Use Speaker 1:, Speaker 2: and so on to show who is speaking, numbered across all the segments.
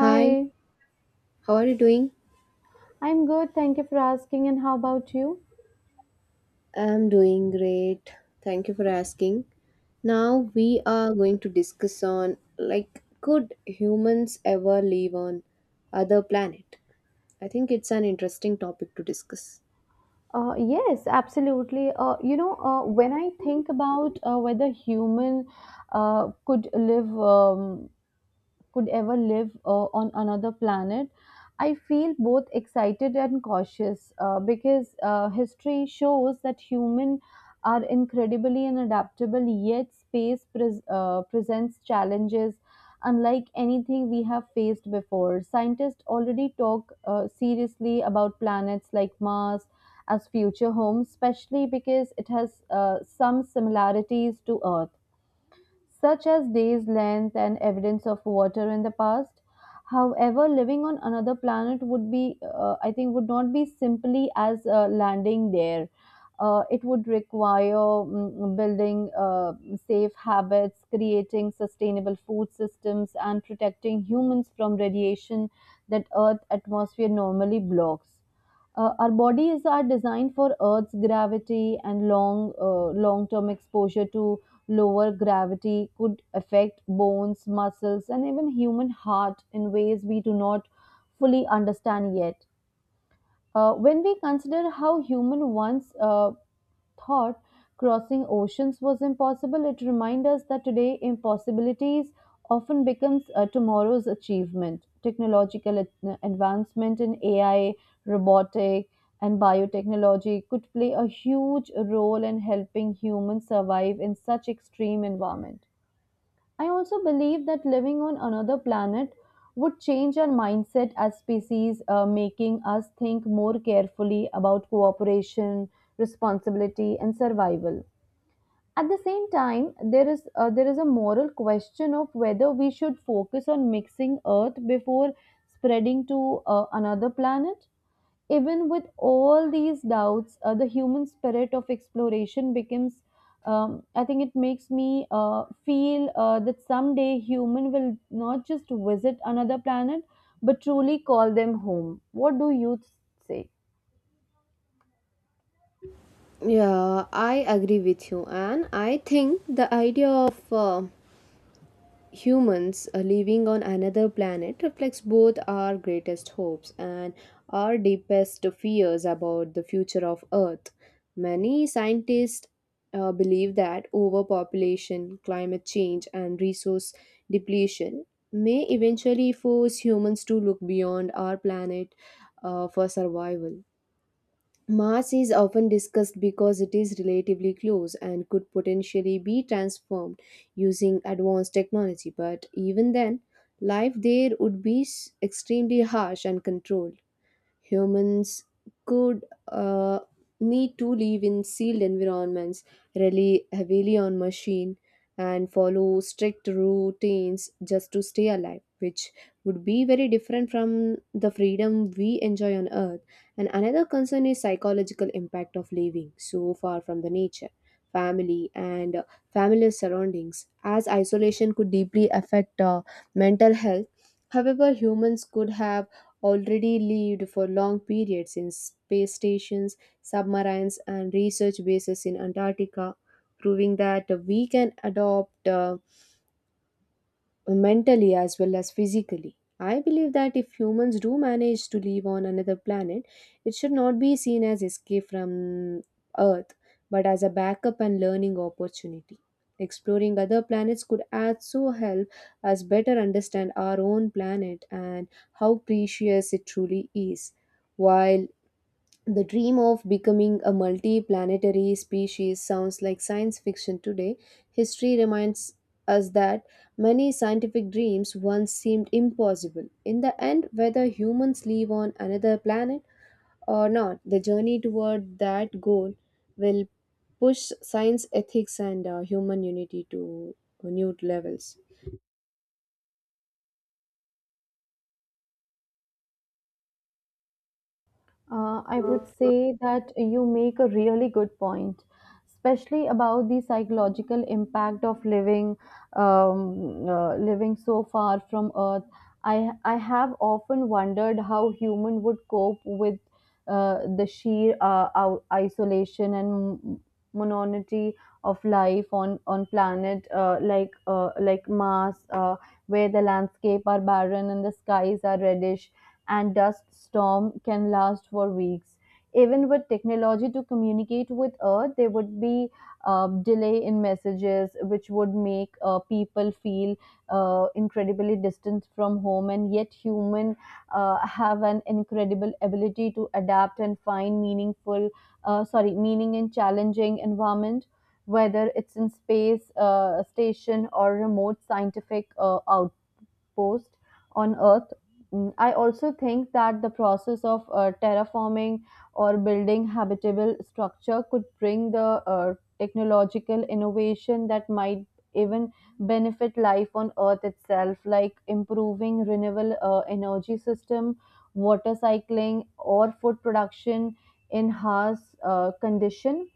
Speaker 1: Hi, how are you doing?
Speaker 2: I'm good. Thank you for asking. And how about you?
Speaker 1: I'm doing great. Thank you for asking. Now we are going to discuss on could humans ever live on other planet? I think it's an interesting topic to discuss.
Speaker 2: Yes, absolutely. When I think about whether human uh, could live um, could ever live on another planet. I feel both excited and cautious because history shows that humans are incredibly unadaptable, yet space presents challenges unlike anything we have faced before. Scientists already talk seriously about planets like Mars as future homes, especially because it has some similarities to Earth, such as days length and evidence of water in the past. However, living on another planet would be I think would not be simply as landing there. It would require building safe habits, creating sustainable food systems, and protecting humans from radiation that Earth atmosphere normally blocks. Our bodies are designed for Earth's gravity and long-term exposure to lower gravity could affect bones, muscles, and even human heart in ways we do not fully understand yet. When we consider how human once thought crossing oceans was impossible, it reminds us that today impossibilities often becomes tomorrow's achievement. Technological advancement in AI, robotic, and biotechnology could play a huge role in helping humans survive in such extreme environment. I also believe that living on another planet would change our mindset as species, making us think more carefully about cooperation, responsibility, and survival. At the same time, there is a moral question of whether we should focus on mixing Earth before spreading to another planet. Even with all these doubts, the human spirit of exploration I think it makes me feel that someday human will not just visit another planet, but truly call them home. What do you say?
Speaker 1: Yeah, I agree with you and I think the idea of humans living on another planet reflects both our greatest hopes and our deepest fears about the future of Earth. Many scientists believe that overpopulation, climate change, and resource depletion may eventually force humans to look beyond our planet for survival. Mars is often discussed because it is relatively close and could potentially be transformed using advanced technology, but even then, life there would be extremely harsh and controlled. Humans could need to live in sealed environments, rely heavily on machine, and follow strict routines just to stay alive, which would be very different from the freedom we enjoy on Earth. And another concern is psychological impact of living so far from the nature, family, and familiar surroundings, as isolation could deeply affect mental health. However, humans could have already lived for long periods in space stations, submarines, and research bases in Antarctica, proving that we can adopt. Mentally as well as physically. I believe that if humans do manage to live on another planet, it should not be seen as escape from Earth, but as a backup and learning opportunity. Exploring other planets could also help us better understand our own planet and how precious it truly is. While the dream of becoming a multi-planetary species sounds like science fiction today. History reminds us that many scientific dreams once seemed impossible. In the end, whether humans live on another planet or not, the journey toward that goal will push science, ethics, and human unity to new levels.
Speaker 2: I would say that you make a really good point, especially about the psychological impact of living so far from Earth. I have often wondered how human would cope with the sheer isolation and monotony of life on planet like Mars, where the landscape are barren and the skies are reddish and dust storm can last for weeks. Even with technology to communicate with Earth, there would be delay in messages, which would make people feel incredibly distant from home. And yet, human have an incredible ability to adapt and find meaning in challenging environment, whether it's in space station or remote scientific out post on Earth. I also think that the process of terraforming or building habitable structure could bring the uh, technological innovation that might even benefit life on Earth itself, like improving renewable energy system, water cycling, or food production in harsh condition.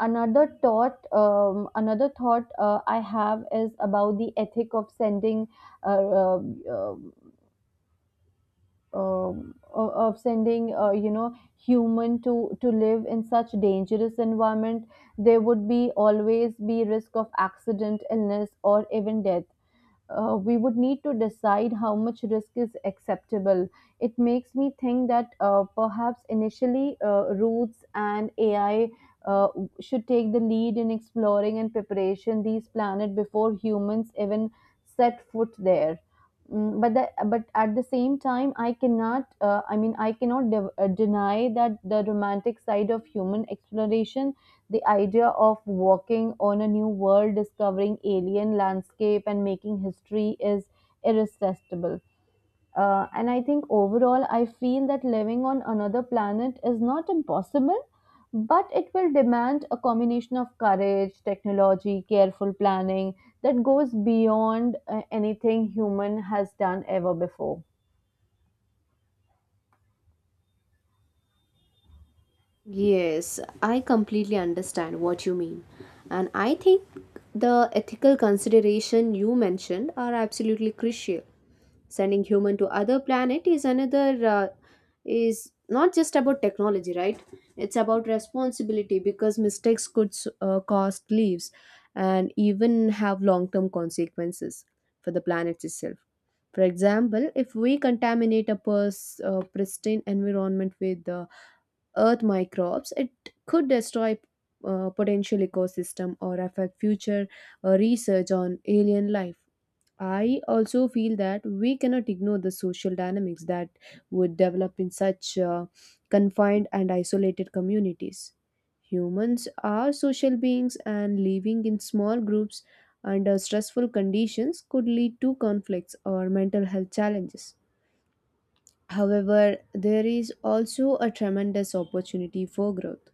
Speaker 2: Another thought I have is about the ethic of sending uh, um, um, human to live in such dangerous environment. There would be always be risk of accident illness or even death. We would need to decide how much risk is acceptable. It makes me think that perhaps initially roots and AI uh, should take the lead in exploring and preparation these planet before humans even set foot there. But at the same time, I cannot. I mean, I cannot deny that the romantic side of human exploration, the idea of walking on a new world, discovering alien landscape, and making history is irresistible. And I think overall, I feel that living on another planet is not impossible, but it will demand a combination of courage, technology, careful planning that goes beyond anything human has done ever before.
Speaker 1: Yes, I completely understand what you mean. And I think the ethical consideration you mentioned are absolutely crucial. Sending human to other planet is not just about technology, right? It's about responsibility because mistakes could cost lives and even have long-term consequences for the planet itself. For example, if we contaminate a pristine environment with earth microbes, it could destroy potential ecosystem or affect future research on alien life. I also feel that we cannot ignore the social dynamics that would develop in such confined and isolated communities. Humans are social beings, and living in small groups under stressful conditions could lead to conflicts or mental health challenges. However, there is also a tremendous opportunity for growth.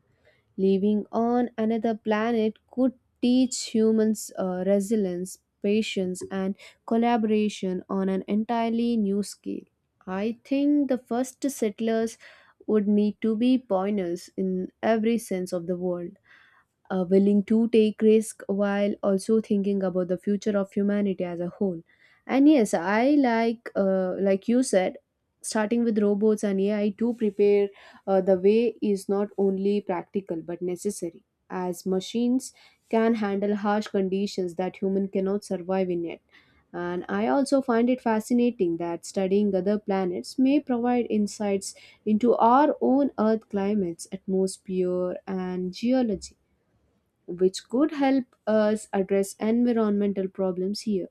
Speaker 1: Living on another planet could teach humans resilience, patience, and collaboration on an entirely new scale. I think the first settlers would need to be pioneers in every sense of the world, willing to take risk while also thinking about the future of humanity as a whole. And yes, I like you said, starting with robots and ai to prepare the way is not only practical but necessary, as machines can handle harsh conditions that human cannot survive in yet. And I also find it fascinating that studying other planets may provide insights into our own earth climates atmosphere and geology, which could help us address environmental problems here.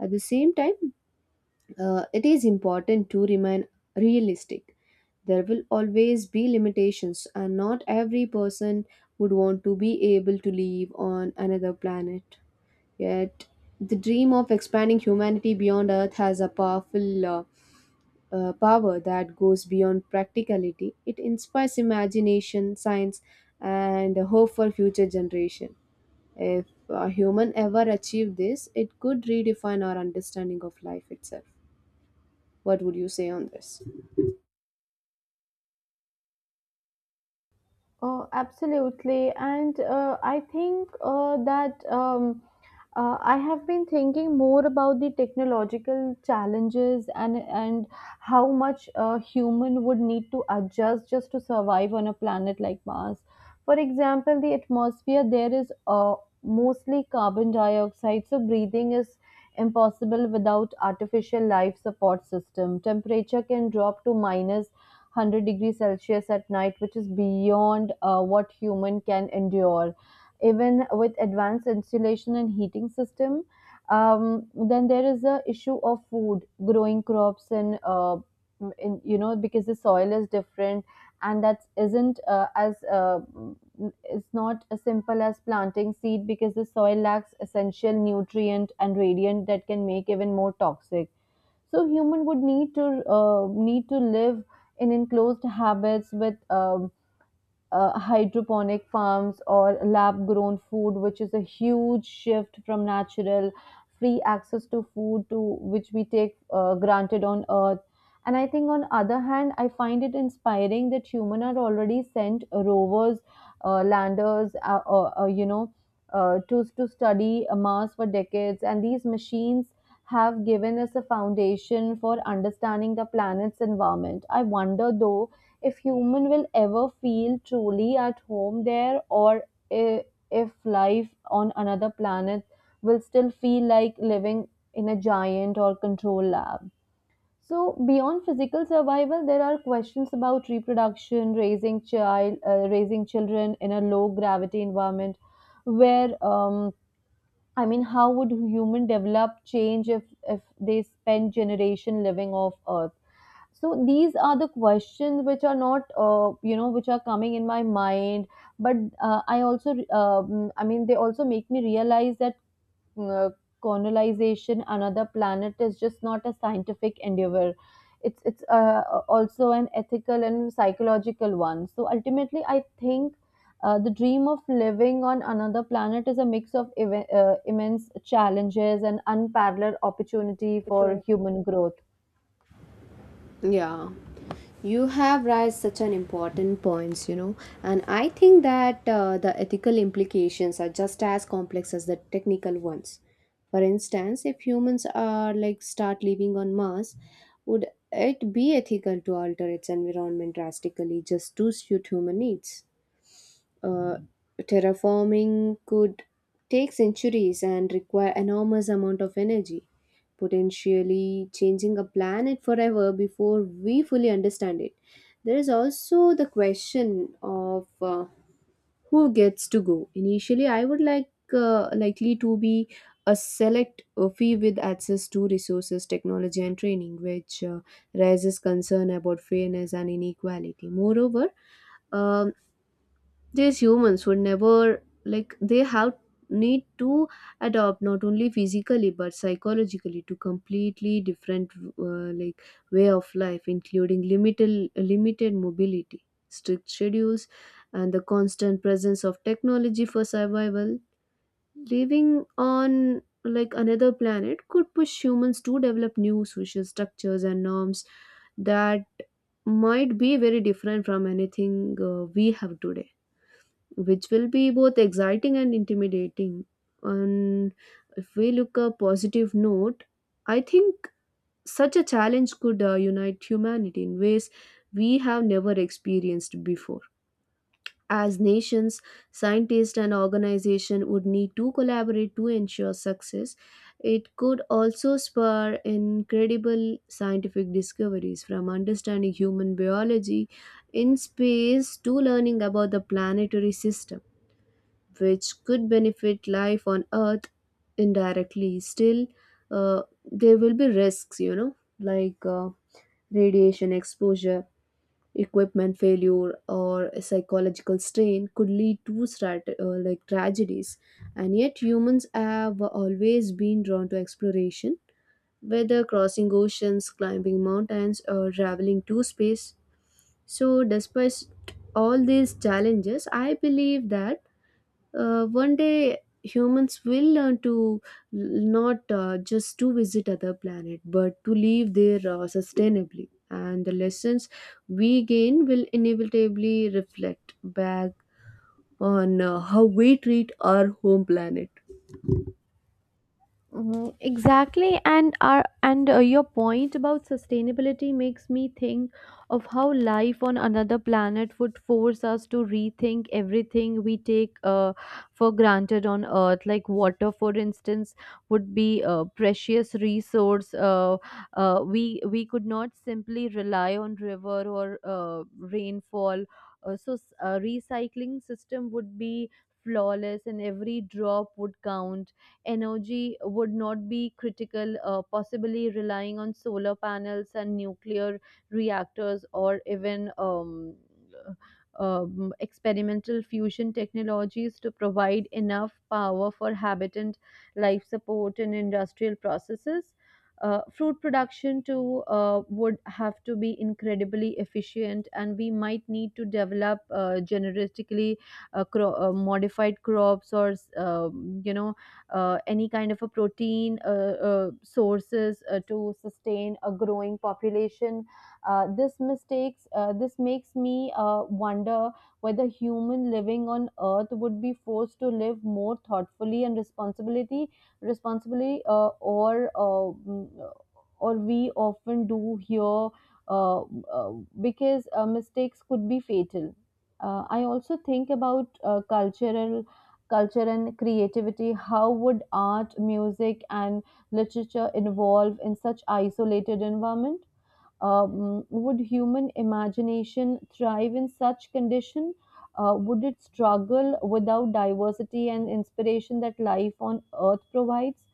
Speaker 1: At the same time, it is important to remain realistic. There will always be limitations, and not every person would want to be able to live on another planet. Yet, the dream of expanding humanity beyond Earth has a powerful power that goes beyond practicality. It inspires imagination, science, and hope for future generations. If a human ever achieved this, it could redefine our understanding of life itself. What would you say on this?
Speaker 2: Absolutely. And I think that I have been thinking more about the technological challenges and how much a human would need to adjust just to survive on a planet like Mars. For example, the atmosphere there is mostly carbon dioxide, so breathing is impossible without artificial life support system. Temperature can drop to minus 100 degrees Celsius at night, which is beyond what human can endure. Even with advanced insulation and heating system, then there is a issue of food, growing crops and because the soil is different, and that isn't as is not as simple as planting seed because the soil lacks essential nutrient and radiant that can make even more toxic. So human would need to live in enclosed habits with hydroponic farms or lab grown food, which is a huge shift from natural free access to food to which we take granted on earth. And I think, on other hand, I find it inspiring that human are already sent rovers, landers, to study Mars for decades, and these machines have given us a foundation for understanding the planet's environment. I wonder though if human will ever feel truly at home there or i- if life on another planet will still feel like living in a giant or control lab. So beyond physical survival, there are questions about reproduction, raising children in a low gravity environment, where I mean, how would human develop change if they spend generation living off Earth? So these are the questions which are not you know which are coming in my mind. But uh, i also I mean, they also make me realize that uh, colonization another planet is just not a scientific endeavor. It's also an ethical and psychological one, so ultimately I think the dream of living on another planet is a mix of immense challenges and unparalleled opportunity for
Speaker 1: Opportunity.
Speaker 2: human growth.
Speaker 1: Yeah, you have raised such an important points, you know, and I think that the ethical implications are just as complex as the technical ones. For instance, if humans are like start living on Mars, would it be ethical to alter its environment drastically just to suit human needs? Uh, Terraforming could take centuries and require enormous amount of energy, potentially changing a planet forever before we fully understand it. There is also the question of who gets to go. Initially, I would likely to be a select few with access to resources, technology, and training, which raises concern about fairness and inequality. Moreover, um, these humans would never like they have need to adopt not only physically but psychologically to completely different, uh, like way of life including limited mobility, strict schedules, and the constant presence of technology for survival. Living on like another planet could push humans to develop new social structures and norms that might be very different from anything we have today, which will be both exciting and intimidating. And if we look a positive note, I think such a challenge could unite humanity in ways we have never experienced before. As nations, scientists and organizations would need to collaborate to ensure success. It could also spur incredible scientific discoveries, from understanding human biology in space to learning about the planetary system, which could benefit life on earth indirectly. Still, uh, there will be risks, you know, like radiation exposure, equipment failure, or psychological strain could lead to like tragedies. And yet humans have always been drawn to exploration, whether crossing oceans, climbing mountains, or traveling to space. So despite all these challenges, I believe that one day humans will learn to l- not just to visit other planet but to live there sustainably, and the lessons we gain will inevitably reflect back on how we treat our home planet.
Speaker 2: Mhm, exactly, and your point about sustainability makes me think of how life on another planet would force us to rethink everything we take for granted on Earth. Like water, for instance, would be a precious resource. We could not simply rely on river or rainfall. So recycling system would be flawless, and every drop would count. Energy would not be critical, possibly relying on solar panels and nuclear reactors or even experimental fusion technologies to provide enough power for habitant life support and industrial processes. Fruit production too would have to be incredibly efficient, and we might need to develop genetically modified crops or any kind of a protein sources to sustain a growing population. This makes me wonder whether human living on earth would be forced to live more thoughtfully and responsibility responsibly, or we often do here, uh, uh, because mistakes could be fatal. I also think about cultural culture and creativity. How would art, music, and literature evolve in such isolated environment? Would human imagination thrive in such condition? Would it struggle without diversity and inspiration that life on earth provides?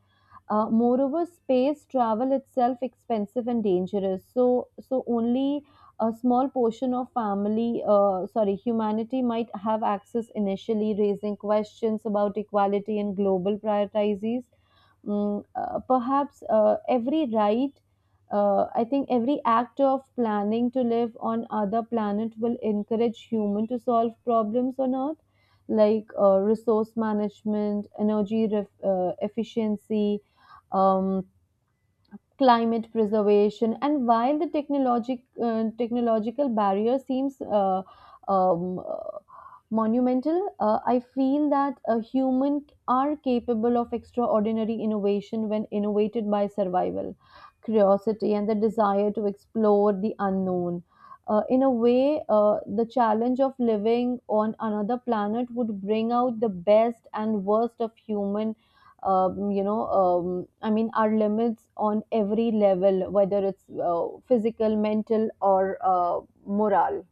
Speaker 2: Moreover, space travel itself expensive and dangerous. So only a small portion of humanity might have access initially, raising questions about equality and global priorities. Mm, uh, perhaps uh, every right, I think every act of planning to live on other planet will encourage human to solve problems on Earth, like resource management, energy efficiency, um, climate preservation. And while the technological barrier seems um, uh, monumental, I feel that a human are capable of extraordinary innovation when innovated by survival, curiosity, and the desire to explore the unknown. In a way, the challenge of living on another planet would bring out the best and worst of human, I mean, our limits on every level, whether it's physical, mental, or moral.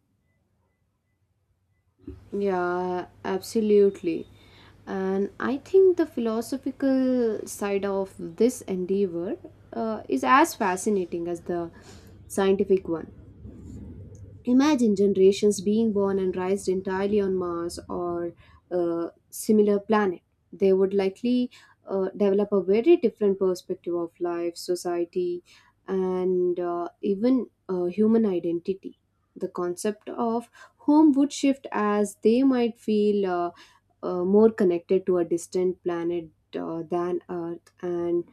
Speaker 1: Yeah, absolutely. And I think the philosophical side of this endeavor is as fascinating as the scientific one. Imagine generations being born and raised entirely on Mars or a similar planet. They would likely develop a very different perspective of life, society, and even human identity. The concept of home would shift as they might feel more connected to a distant planet than Earth, and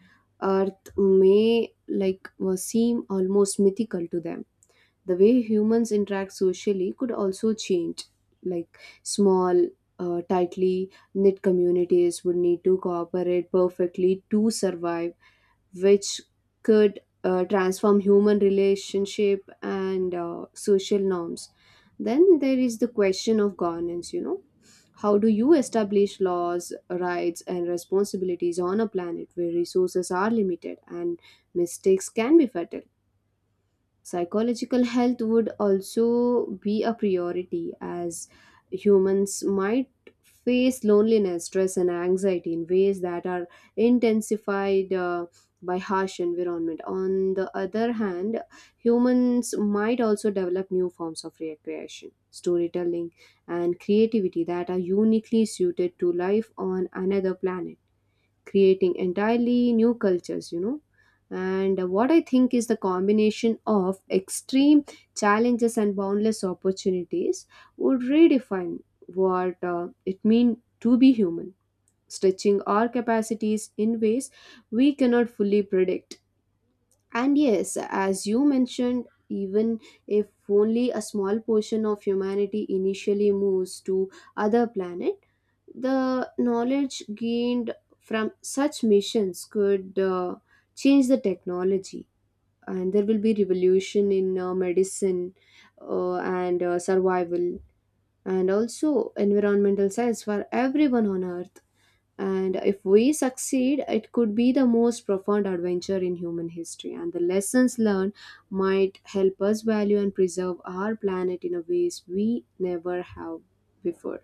Speaker 1: Earth may seem almost mythical to them. The way humans interact socially could also change, like small, tightly knit communities would need to cooperate perfectly to survive, which could transform human relationship and social norms. Then there is the question of governance, you know, how do you establish laws, rights, and responsibilities on a planet where resources are limited and mistakes can be fatal. Psychological health would also be a priority, as humans might face loneliness, stress, and anxiety in ways that are intensified by harsh environment. On the other hand, humans might also develop new forms of recreation, storytelling, and creativity that are uniquely suited to life on another planet, creating entirely new cultures, you know. And what I think is the combination of extreme challenges and boundless opportunities would redefine what it means to be human, stretching our capacities in ways we cannot fully predict. And yes, as you mentioned, even if only a small portion of humanity initially moves to other planet, the knowledge gained from such missions could change the technology, and there will be revolution in medicine, and survival, and also environmental science for everyone on earth. And if we succeed, it could be the most profound adventure in human history. And the lessons learned might help us value and preserve our planet in a ways we never have before.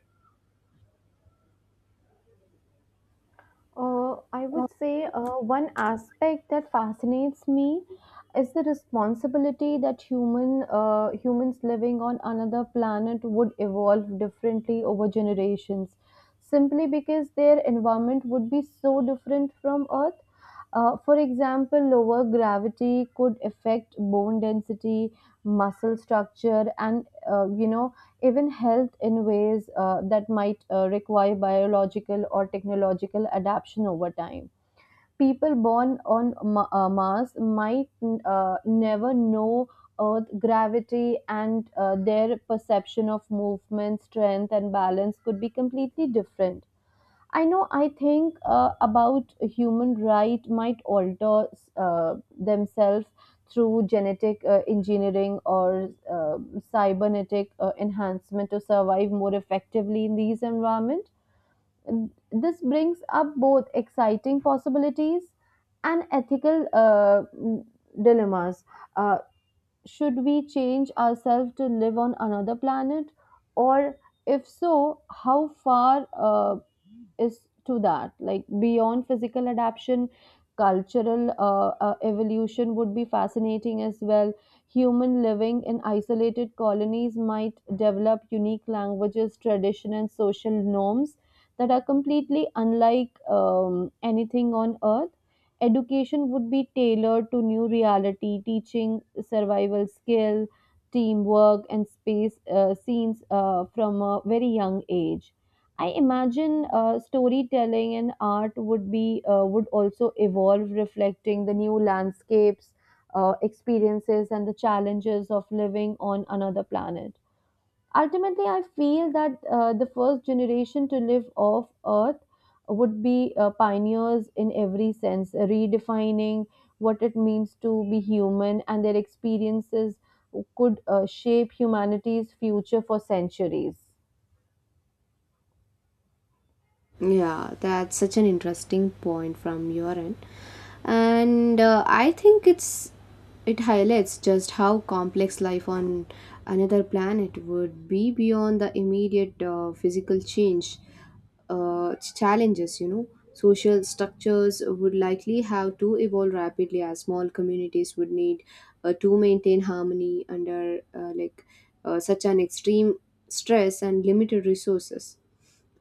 Speaker 2: I would say one aspect that fascinates me is the responsibility that humans living on another planet would evolve differently over generations, simply because their environment would be so different from Earth. For example, lower gravity could affect bone density, muscle structure, and even health in ways that might require biological or technological adaptation over time. People born on Mars might never know Earth gravity, and their perception of movement, strength, and balance could be completely different. I know. I think about human right might alter themselves through genetic engineering or cybernetic enhancement to survive more effectively in these environments. This brings up both exciting possibilities and ethical dilemmas. Uh, should we change ourselves to live on another planet, or if so, how far is to that, like beyond physical adaptation, cultural evolution would be fascinating as well. Human living in isolated colonies might develop unique languages, tradition, and social norms that are completely unlike anything on earth. Education would be tailored to new reality, teaching survival skill, teamwork, and space scenes from a very young age. I imagine storytelling and art would also evolve, reflecting the new landscapes, experiences, and the challenges of living on another planet. Ultimately, I feel that the first generation to live off Earth would be pioneers in every sense, redefining what it means to be human, and their experiences could shape humanity's future for centuries.
Speaker 1: Yeah, that's such an interesting point from your end. And I think it's it highlights just how complex life on another planet would be beyond the immediate physical change challenges, you know. Social structures would likely have to evolve rapidly, as small communities would need to maintain harmony under such an extreme stress and limited resources.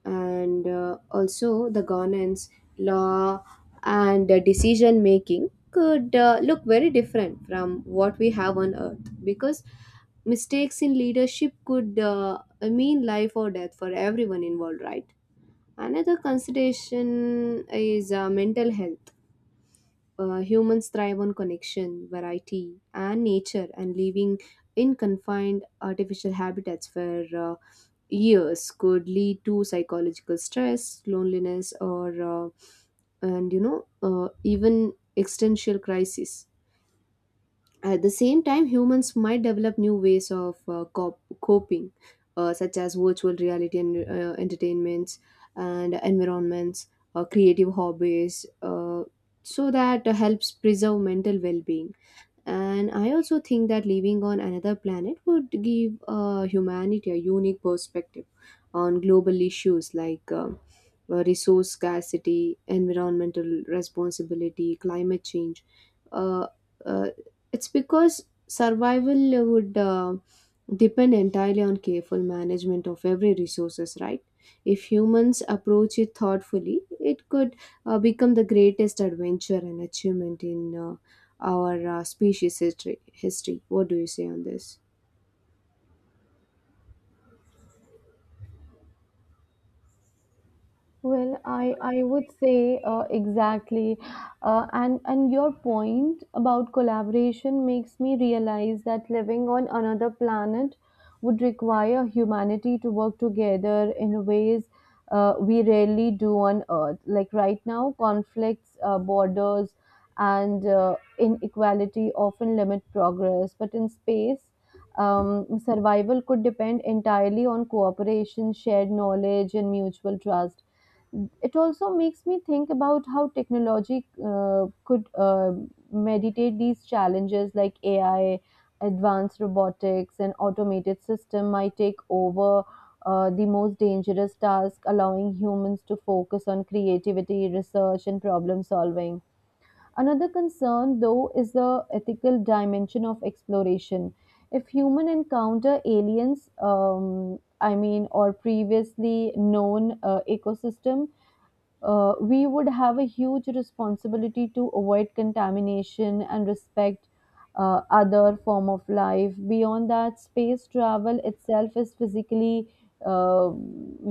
Speaker 1: And also the governance, law, and decision making could look very different from what we have on earth, because mistakes in leadership could mean life or death for everyone involved, right? Another consideration is mental health. Humans thrive on connection, variety, and nature, and living in confined artificial habitats where years could lead to psychological stress, loneliness, or and you know even existential crisis. At the same time, humans might develop new ways of coping, such as virtual reality and entertainments and environments, creative hobbies, so that helps preserve mental well-being. And I also think that living on another planet would give humanity a unique perspective on global issues like resource scarcity, environmental responsibility, climate change. Uh, uh, it's because survival would depend entirely on careful management of every resources, right? If humans approach it thoughtfully, it could become the greatest adventure and achievement in our species history. What do you say on this?
Speaker 2: Well, I would say exactly, and your point about collaboration makes me realize that living on another planet would require humanity to work together in ways we rarely do on Earth. Like right now, conflicts, borders, and inequality often limit progress, but in space. Survival could depend entirely on cooperation, shared knowledge, and mutual trust. It also makes me think about how technology could meditate these challenges, like AI, advanced robotics, and automated system might take over the most dangerous task, allowing humans to focus on creativity, research, and problem solving. Another concern, though, is the ethical dimension of exploration. If human encounter aliens, I mean, or previously known ecosystem, we would have a huge responsibility to avoid contamination and respect other form of life. Beyond that, space travel itself is physically uh,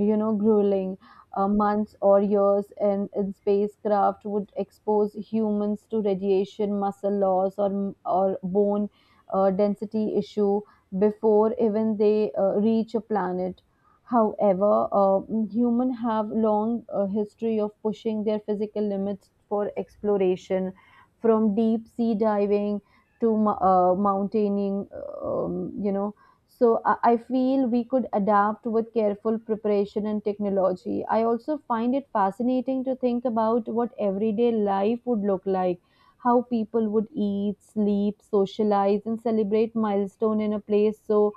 Speaker 2: grueling. Months or years in spacecraft would expose humans to radiation, muscle loss, or bone density issue before even they reach a planet. However, humans have long history of pushing their physical limits for exploration, from deep sea diving to mountaineering. Um, you know, so I feel we could adapt with careful preparation and technology. I also find it fascinating to think about what everyday life would look like. How people would eat, sleep, socialize, and celebrate milestone in a place so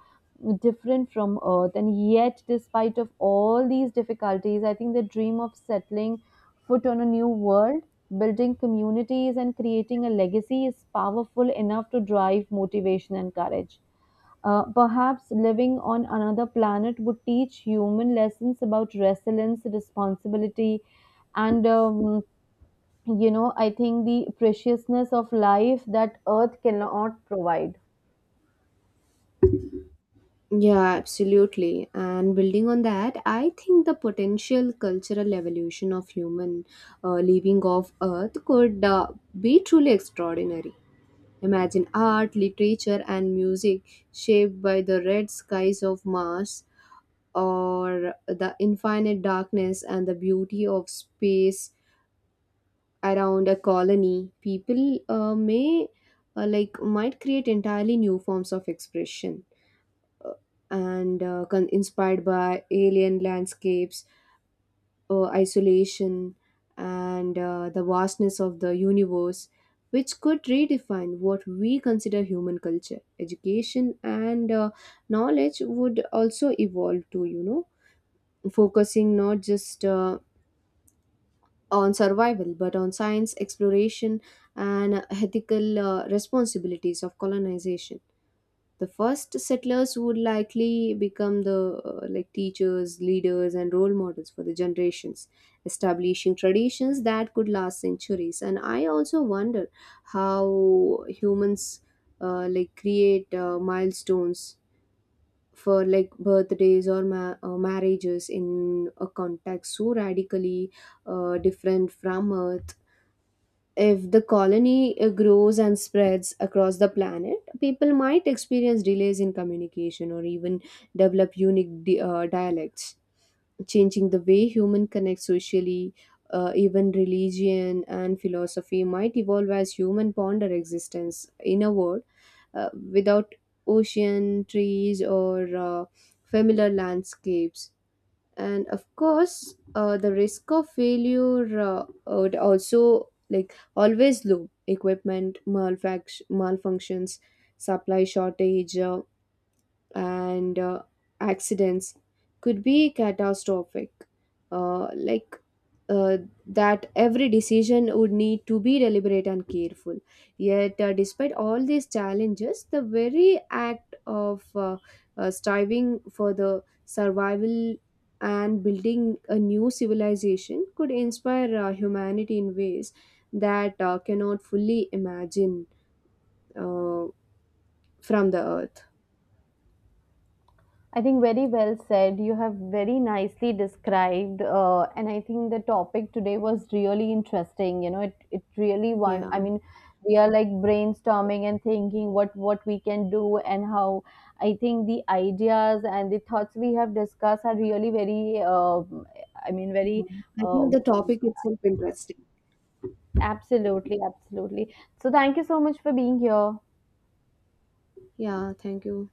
Speaker 2: different from earth. And yet, despite of all these difficulties, I think they dream of settling foot on a new world, building communities, and creating a legacy is powerful enough to drive motivation and courage. Perhaps living on another planet would teach human lessons about resilience, responsibility, and I think the preciousness of life that earth cannot provide.
Speaker 1: Yeah, absolutely. And building on that, I think the potential cultural evolution of human living off Earth could be truly extraordinary. Imagine art, literature, and music shaped by the red skies of Mars or the infinite darkness and the beauty of space around a colony. People may like might create entirely new forms of expression, uh, inspired by alien landscapes, isolation, and the vastness of the universe, which could redefine what we consider human culture. Education and knowledge would also evolve to, you know, focusing not just on survival, but on science, exploration, and ethical responsibilities of colonization. The first settlers would likely become the, teachers, leaders, and role models for the generations, establishing traditions that could last centuries. And I also wonder how humans create milestones for like birthdays or marriages in a context so radically different from Earth. If the colony grows and spreads across the planet, people might experience delays in communication or even develop unique dialects, changing the way human connect socially. Even religion and philosophy might evolve as human ponder existence in a world without ocean, trees, or familiar landscapes. And of course, the risk of failure would also like always low, equipment malfunctions, supply shortage, and accidents could be catastrophic, uh, like uh, that every decision would need to be deliberate and careful. Yet, despite all these challenges, the very act of striving for the survival and building a new civilization could inspire humanity in ways that cannot fully imagine uh, from the earth.
Speaker 2: I think very well said. You have very nicely described, and I think the topic today was really interesting. You know, it really want.
Speaker 1: Yeah,
Speaker 2: I mean, we are like brainstorming and thinking what we can do and how. I think the ideas and the thoughts we have discussed are really very. I mean, very.
Speaker 1: I think the
Speaker 2: um
Speaker 1: topic itself interesting.
Speaker 2: Absolutely, absolutely. So thank you so much for being here.
Speaker 1: Yeah, thank you.